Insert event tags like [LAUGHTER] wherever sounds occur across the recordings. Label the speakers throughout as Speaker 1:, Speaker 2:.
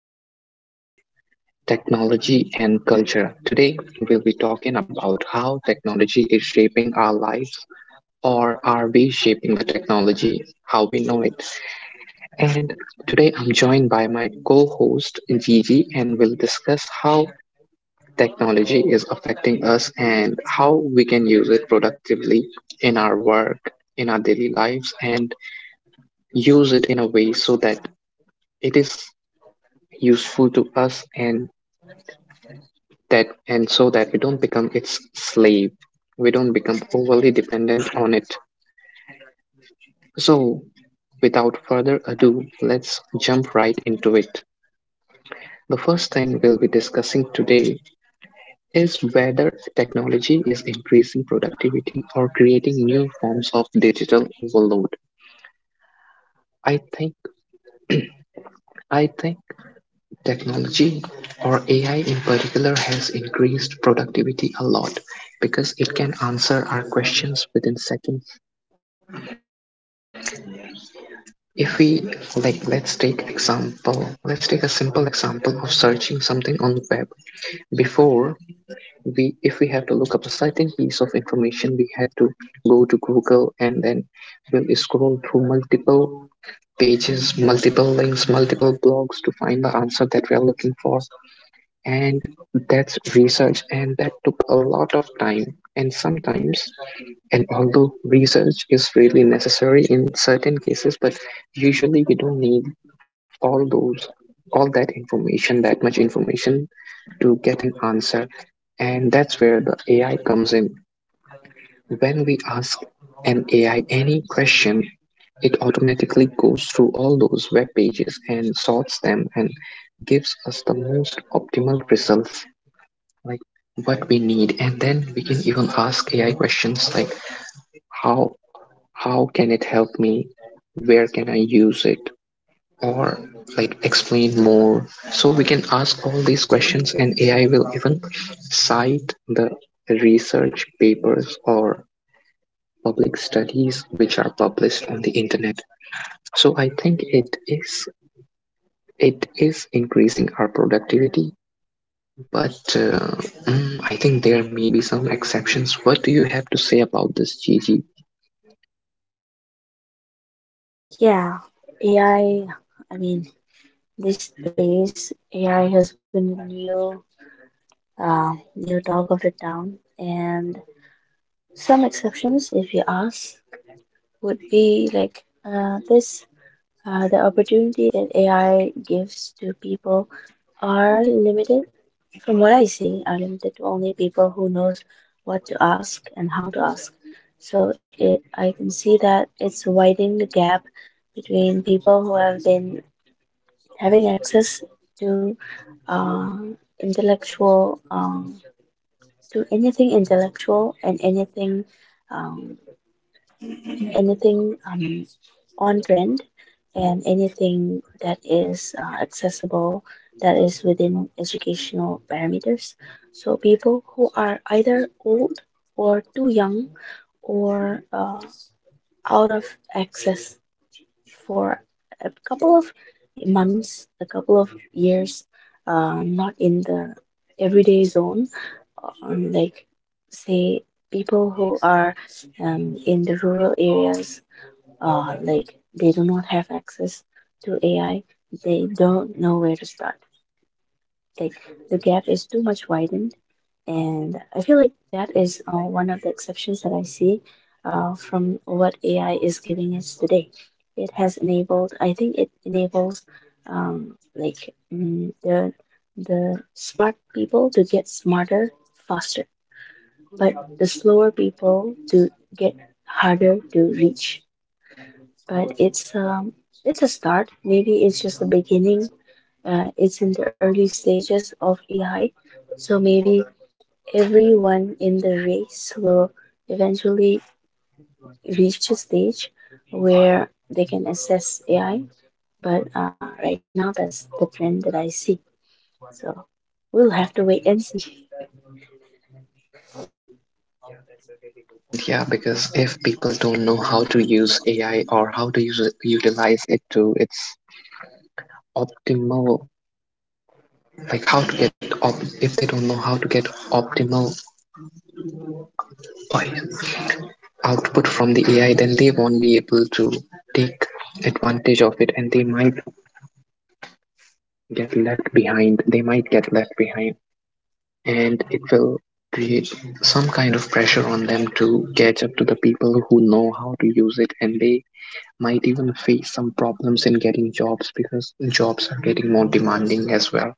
Speaker 1: to our podcast, Technology and Culture. Today, we'll be talking about how technology is shaping our lives, or are we shaping the technology how we know it? And today, I'm joined by my co host, Gigi, and we'll discuss how technology is affecting us and how we can use it productively in our work, in our daily lives, and use it in a way so that it is useful to us and that and so that we don't become its slave, we don't become overly dependent on it. So without further ado, let's jump right into it. The first thing we'll be discussing today is whether technology is increasing productivity or creating new forms of digital overload. I think i think technology or ai in particular has increased productivity a lot because it can answer our questions within seconds. If we, like, let's take a simple example of searching something on web. Before, we if we have to look up a certain piece of information, we had to go to google and then we'll scroll through multiple pages, multiple links, multiple blogs to find the answer that we are looking for. And that's research, and that took a lot of time. And sometimes, and although research is really necessary in certain cases, but usually we don't need all those, all that information, that much information to get an answer. And that's where the AI comes in. When we ask an AI any question, it automatically goes through all those web pages and sorts them and gives us the most optimal results, like what we need. And then we can even ask AI questions like, how how can it help me, where can I use it, or like explain more. So we can ask all these questions and ai will even cite the research papers or public studies which are published on the internet. So I think it is, it is increasing our productivity, but I think there may be some exceptions. What do you have to say about this, Gigi?
Speaker 2: AI, I I mean, these days AI has been the new, new dog of the town, and some exceptions, if you ask, would be like this. The opportunity that AI gives to people are limited, from what I see, are limited to only people who knows what to ask and how to ask. So I can see that it's widening the gap between people who have been having access to uh, intellectual do anything intellectual and um, anything on trend and anything that is accessible, that is within educational parameters. So people who are either old or too young or out of access for a couple of months, a couple of years, not in the everyday zone, like, say, people who are in the rural areas, like, they do not have access to AI, they don't know where to start. Like, the gap is too much widened, and I feel like that is one of the exceptions that I see from what AI is giving us today. It has enabled. I think it enables, the smart people to get smarter faster, but the slower people to get harder to reach. But it's a start, maybe it's just the beginning. It's in the early stages of AI, so maybe everyone in the race will eventually reach a stage where they can assess AI. But right now, that's the trend that I see. So we'll have to wait and see. [LAUGHS]
Speaker 1: Yeah, that's a really good point. Yeah, because if people don't know how to use AI or how to use utilize it to its optimal, like how to get op, if they don't know how to get optimal, like, output from the AI, then they won't be able to take advantage of it, and they might get left behind. They might get left behind, and it will create some kind of pressure on them to catch up to the people who know how to use it, and they might even face some problems in getting jobs because jobs are getting more demanding as well.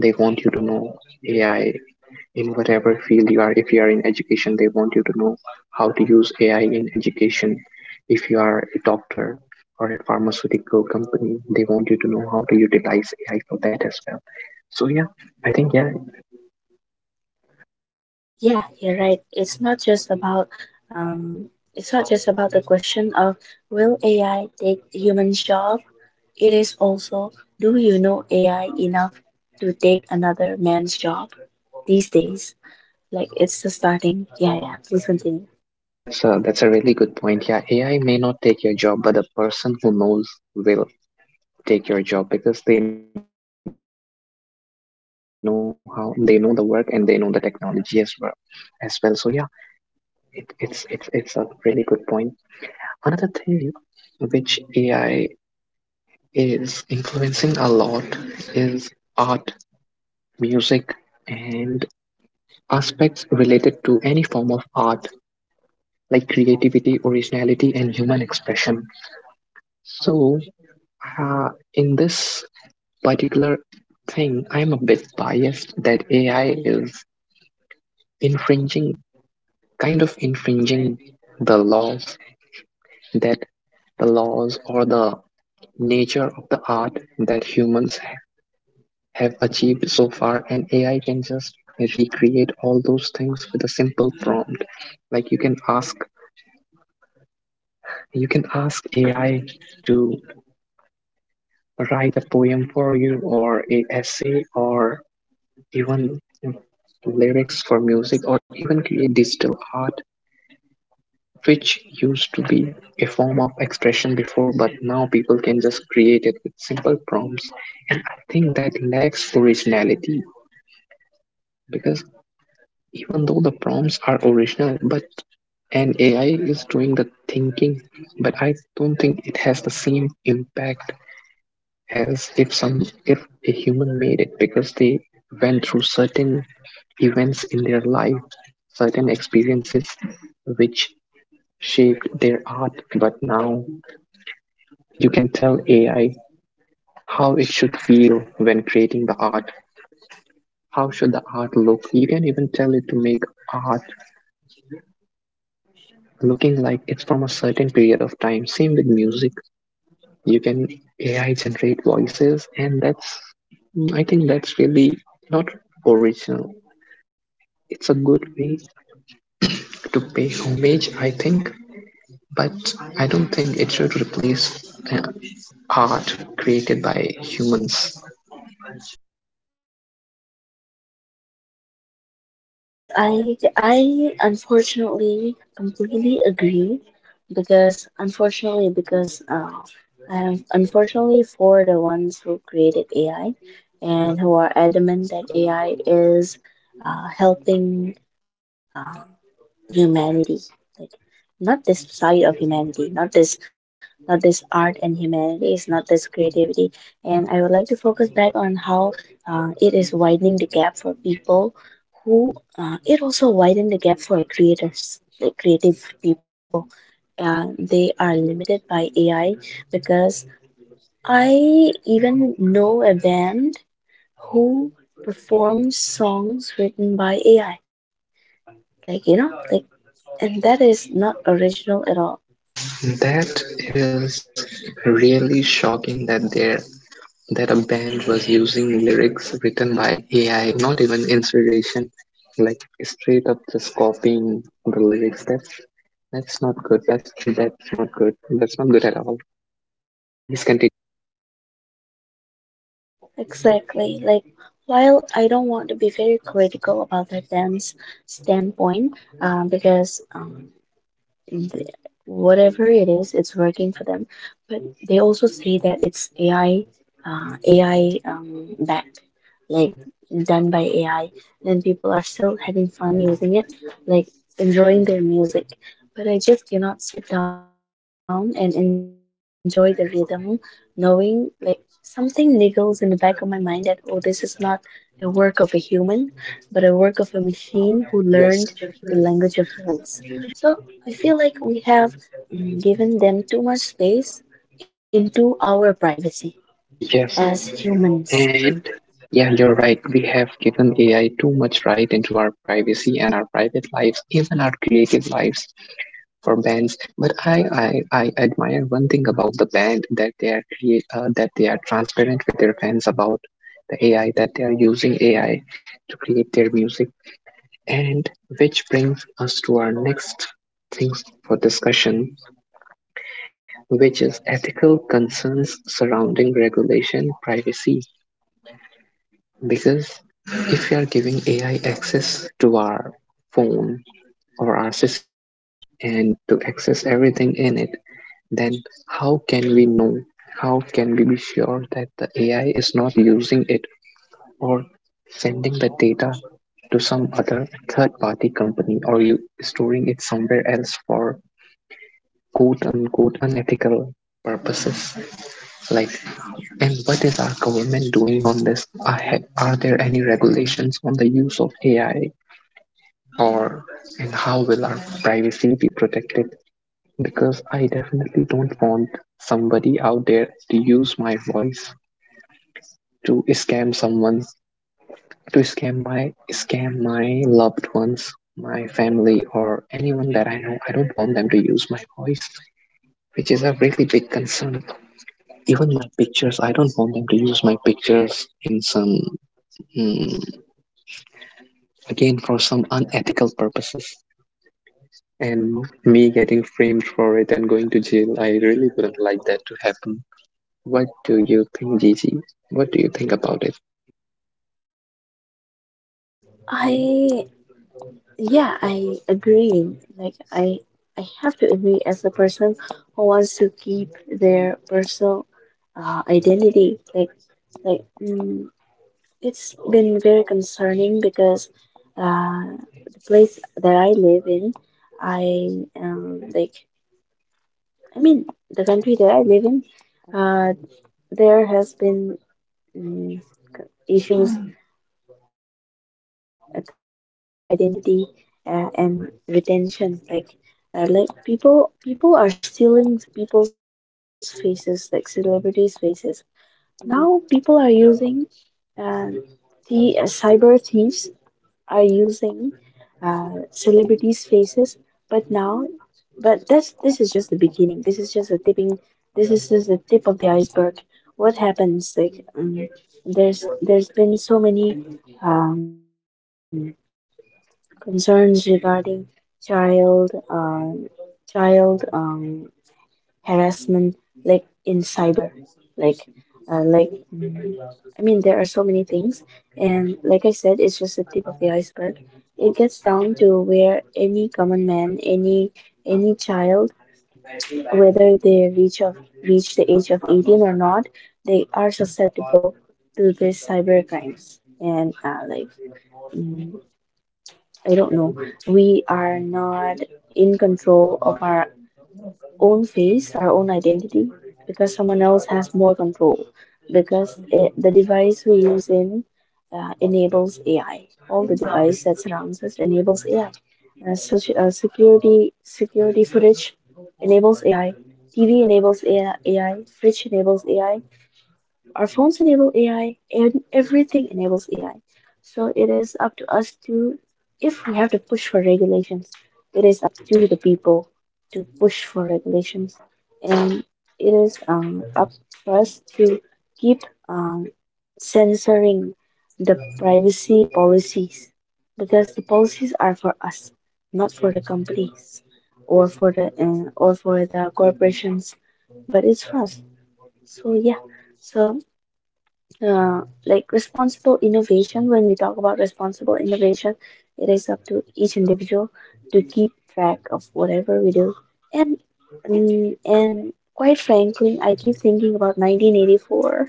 Speaker 1: They want you to know AI in whatever field you are. If you are in education, they want you to know how to use AI in education. If you are a doctor or a pharmaceutical company, they want you to know how to utilize AI for that as well. So yeah, I think yeah,
Speaker 2: Yeah, you're right. It's not just about um, it's not just about the question of, will AI take human job? It is also, do you know AI enough to take another man's job these days? Like, it's the starting. Yeah, yeah. Please continue.
Speaker 1: yeah, that's a really good point. Yeah, AI may not take your job, but the person who knows will take your job because they know how, they know the work, and they know the technology as well, as well. So yeah, it's a really good point. Another thing which ai is influencing a lot is art, music, and aspects related to any form of art, like creativity, originality, and human expression. So uh, in this particular thing, I'm a bit biased that ai is infringing kind of infringing the laws, that the laws or the nature of the art that humans have achieved so far, and ai can just recreate all those things with a simple prompt. Like you can ask ai to write a poem for you or a essay or even lyrics for music or even create digital art. Which used to be a form of expression before, but now people can just create it with simple prompts. And I think that lacks originality because, even though the prompts are original, but and AI is doing the thinking, but I don't think it has the same impact as if a human made it, because they went through certain events in their life, certain experiences which shaped their art. But now you can tell AI how it should feel when creating the art. How should the art look? You can even tell it to make art looking like it's from a certain period of time. Same with music. You can AI generate voices, and that's, i think that's really not original. It's a good way to pay homage, I think, but I don't think it should replace art created by humans.
Speaker 2: Yes, I unfortunately completely agree. Because unfortunately, because I'm, unfortunately for the ones who created AI and who are adamant that AI is helping uh, humanity. Like, not this side of humanity, not this not this art and humanities, not this creativity. And I would like to focus back on how it is widening the gap for people who, it also widen the gap for creators, like creative people. They are limited by AI, because I even know a band who performs songs written by AI. Like, you know, like, and that is not original at all.
Speaker 1: That is really shocking that there that a band was using lyrics written by AI, not even inspiration, like straight up just copying the lyrics. That's not good. That's not good. That's not good at all. Please continue.
Speaker 2: Exactly. Like, while I don't want to be very critical about that dance standpoint, um, because um, th- whatever it is, it's working for them. But they also say that it's AI, AI, back. Like, done by AI, and people are still having fun using it, like, enjoying their music. But I just cannot sit down and enjoy the rhythm, knowing, like, something niggles in the back of my mind that, oh, this is not a work of a human, but a work of a machine who learned the language of
Speaker 1: Yes,
Speaker 2: humans. So I feel like we have, given them too much space into our privacy as
Speaker 1: yes,
Speaker 2: humans.
Speaker 1: and yeah, you're right. We have given AI too much right into our privacy and our private lives, even our creative lives. For bands, but I admire one thing about the band, that they are create that they are transparent with their fans about the ai that they are using, ai to create their music. And which brings us to our next things for discussion, which is ethical concerns surrounding regulation, privacy. Because if we are giving ai access to our phone or our systems, and to access everything in it, then how can we know? How can we be sure that the AI is not using it or sending the data to some other third party company or you storing it somewhere else for quote unquote unethical purposes? Like, and what is our government doing on this? Are there any regulations on the use of AI, or, and how will our privacy be protected? Because I definitely don't want somebody out there to use my voice to scam someone, to scam my loved ones, my family, or anyone that I know. I don't want them to use my voice, which is a really big concern. Even my pictures, I don't want them to use my pictures in some, mm, again, for some unethical purposes. And me getting framed for it and going to jail, I really wouldn't like that to happen. What do you think, Gigi? What do you think about it?
Speaker 2: I Yeah, I agree. Like, I have to agree as a person who wants to keep their personal identity. Like, it's been very concerning because uh, the place that I live in, I um like I mean, the country that I live in, uh, there has been, mm, issues concerning cyber identity and retention. Like, people are stealing people's faces, like celebrities' faces. Now people are using, uh, the cyber thieves are using celebrities' faces, but now, but that's this is just the beginning. This is just a tipping. This is just the tip of the iceberg. What happens? Like, there's been so many um, concerns regarding child child, harassment, like in cyber, like uh, like mm, I mean, there are so many things, and like I said, it's just the tip of the iceberg. It gets down to where any common man, any child, whether they reach the age of 18 or not, they are susceptible to this cyber crimes and mm, I don't know. We are not in control of our own face, our own identity, because someone else has more control. Because the device we use in, enables AI. All the device that surrounds us enables AI. Security footage enables AI. TV enables AI. Fridge enables AI. Our phones enable AI, and everything enables AI. So it is up to us to, if we have to push for regulations, it is up to the people to push for regulations. And it is up for us to keep, um, censoring the privacy policies, because the policies are for us, not for the companies or for the corporations. But it's fast. So yeah, so like, responsible innovation. When we talk about responsible innovation, it is up to each individual to keep track of whatever we do. And quite frankly, I keep thinking about 1984.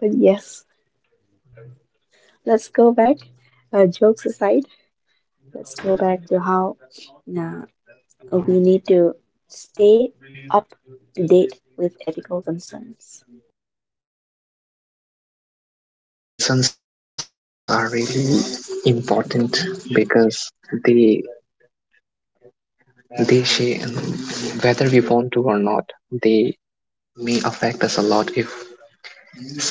Speaker 2: But yes, let's go back. Jokes aside, let's go back to how uh, we need to stay up date with ethical concerns.
Speaker 1: Yes, the ethical concerns are really important because they they shape, whether we want to or not, they may affect us a lot if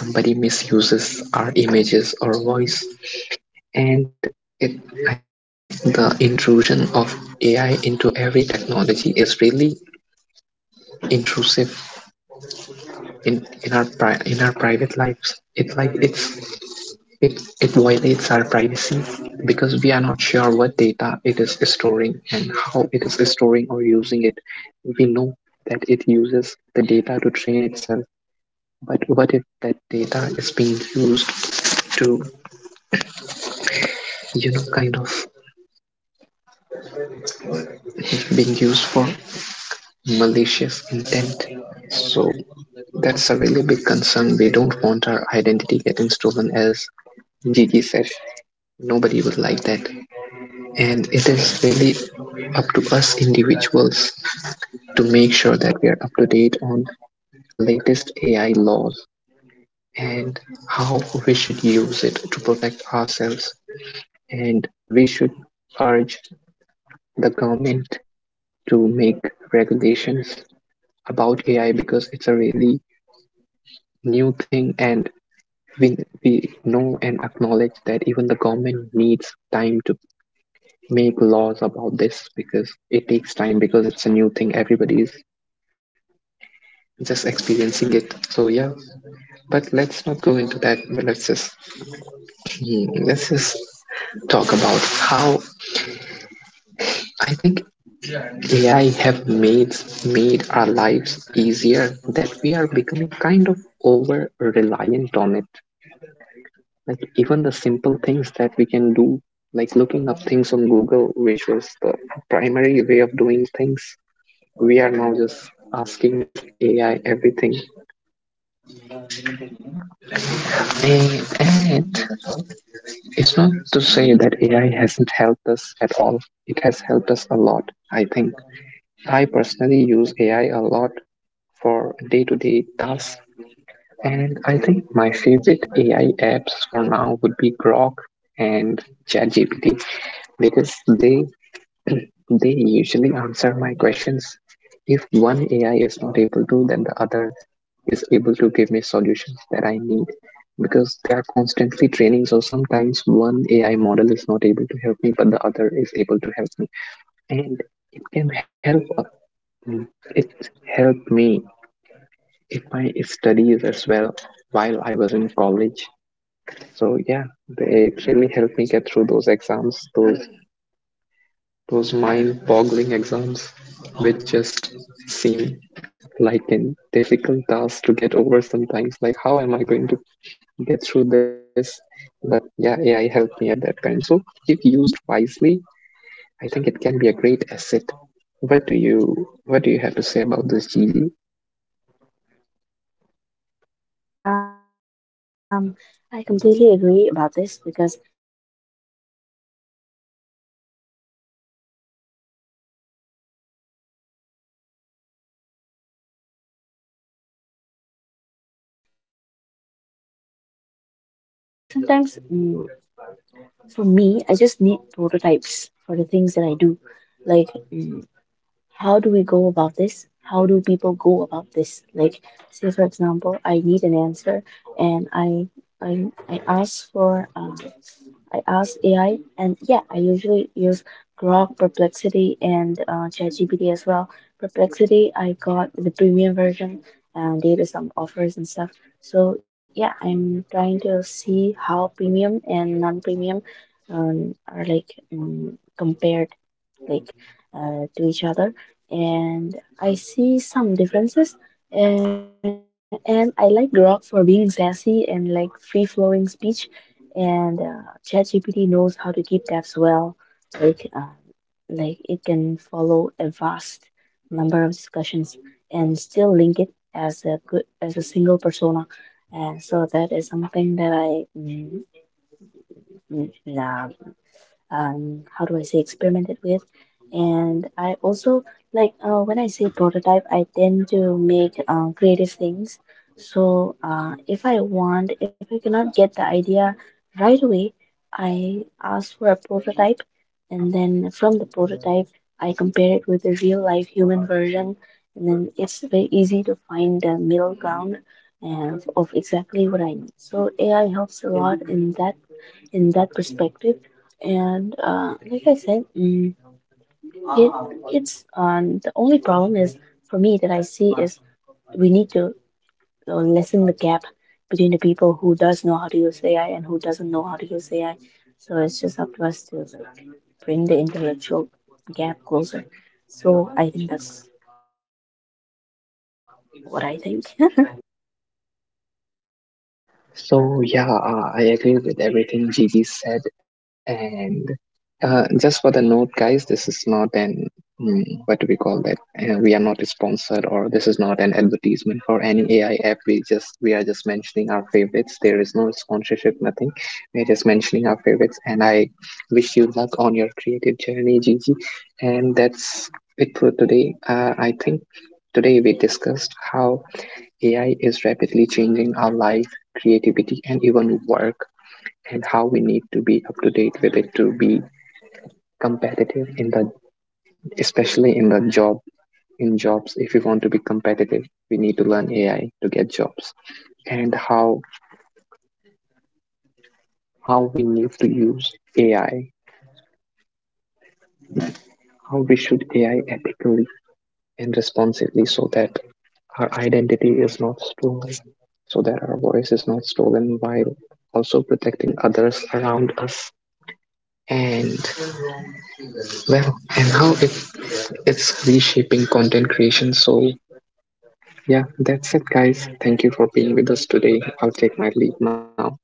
Speaker 1: somebody misuses our images or voice. And it, I think the intrusion of AI into every technology is really intrusive in in our private lives. It it violates our privacy because we are not sure what data it is storing and how it is storing or using it. We know that it uses the data to train itself, but what if that data is being used to, you know, kind of being used for malicious intent? So that's a really big concern. We don't want our identity getting stolen, as Gigi said. Nobody would like that. And it is really up to us individuals to make sure that we are up to date on latest AI laws and how we should use it to protect ourselves. And we should urge the government to make regulations about AI because it's a really new thing, and we, we know and acknowledge that even the government needs time to make laws about this because it takes time, because it's a new thing, everybody is just experiencing it. So yeah, but let's not go into that. But let's just, let's just talk about how I think AI have made our lives easier, that we are becoming kind of over reliant on it. Like even the simple things that we can do, like looking up things on Google, which was the primary way of doing things, we are now just asking AI everything. And it's not to say that AI hasn't helped us at all. It has helped us a lot, I think. I personally use AI a lot for day to day tasks, and I think my favorite AI apps for now would be Grok and ChatGPT because they [CLEARS THROAT] they usually answer my questions. If one AI is not able to, then the other is able to give me solutions that I need because they are constantly training. So sometimes one AI model is not able to help me, but the other is able to help me, and it can help. uh, It helped me in my studies as well while I was in college. So yeah, it really helped me get through those exams, those mind-boggling exams, which just seem like an difficult task to get over sometimes. Like, how am I going to get through this? But yeah, AI helped me at that time. So, if used wisely, I think it can be a great asset. What do you What do you have to say about this, Gigi?
Speaker 2: Oh yes, I completely agree about this, because AI has done a lot of good for us as well. Like, it has simplified things for us. Like, it has filtered down a lot of things for us. Like, in a very fast-paced life that we have, lifestyles that we have. Like, sometimes, for me, I just need prototypes for the things that I do. Like, how do we go about this? How do people go about this? Like, say, for example, I need an answer, and I ask for, I ask AI, and yeah, I usually use Grok, Perplexity, and ChatGPT as well. Perplexity, I got the premium version, and they do some offers and stuff. So yeah, I'm trying to see how premium and non-premium are like, compared, like, to each other, and I see some differences. And I like Grok for being sassy and like, free flowing speech. And ChatGPT knows how to keep tabs well. Like, it can follow a vast number of discussions and still link it as a good, as a single persona. And so that is something that I mm, mm, nah, how do I say, experimented with. And I also, like, when I say prototype, I tend to make creative things. So if I want, if I cannot get the idea right away, I ask for a prototype, and then from the prototype, I compare it with the real life human version, and then it's very easy to find the middle ground of exactly what I need. So AI helps a lot in that, in that perspective. And like I said, it it's, the only problem is for me that I see is, we need to lessen the gap between the people who does know how to use AI and who doesn't know how to use AI. So it's just up to us to, like, bring the intellectual gap closer. So I think that's what I think.
Speaker 1: So yeah, I agree with everything Gigi said, and just for the note, guys, this is not an, what do we call that? We are not sponsored, or this is not an advertisement for any AI app. We are just mentioning our favorites. There is no sponsorship, nothing. We are just mentioning our favorites, and I wish you luck on your creative journey, Gigi. And that's it for today. I think today we discussed how AI is rapidly changing our life, creativity, and even work, and how we need to be up to date with it to be competitive in the, especially in the job, in jobs. If you want to be competitive, we need to learn AI to get jobs, and how we need to use AI, how we should AI ethically and responsibly, so that our identity is not stolen, so that our voice is not stolen, while also protecting others around us. And well, and how it, it's reshaping content creation. So yeah, that's it, guys. Thank you for being with us today. I'll take my leave now.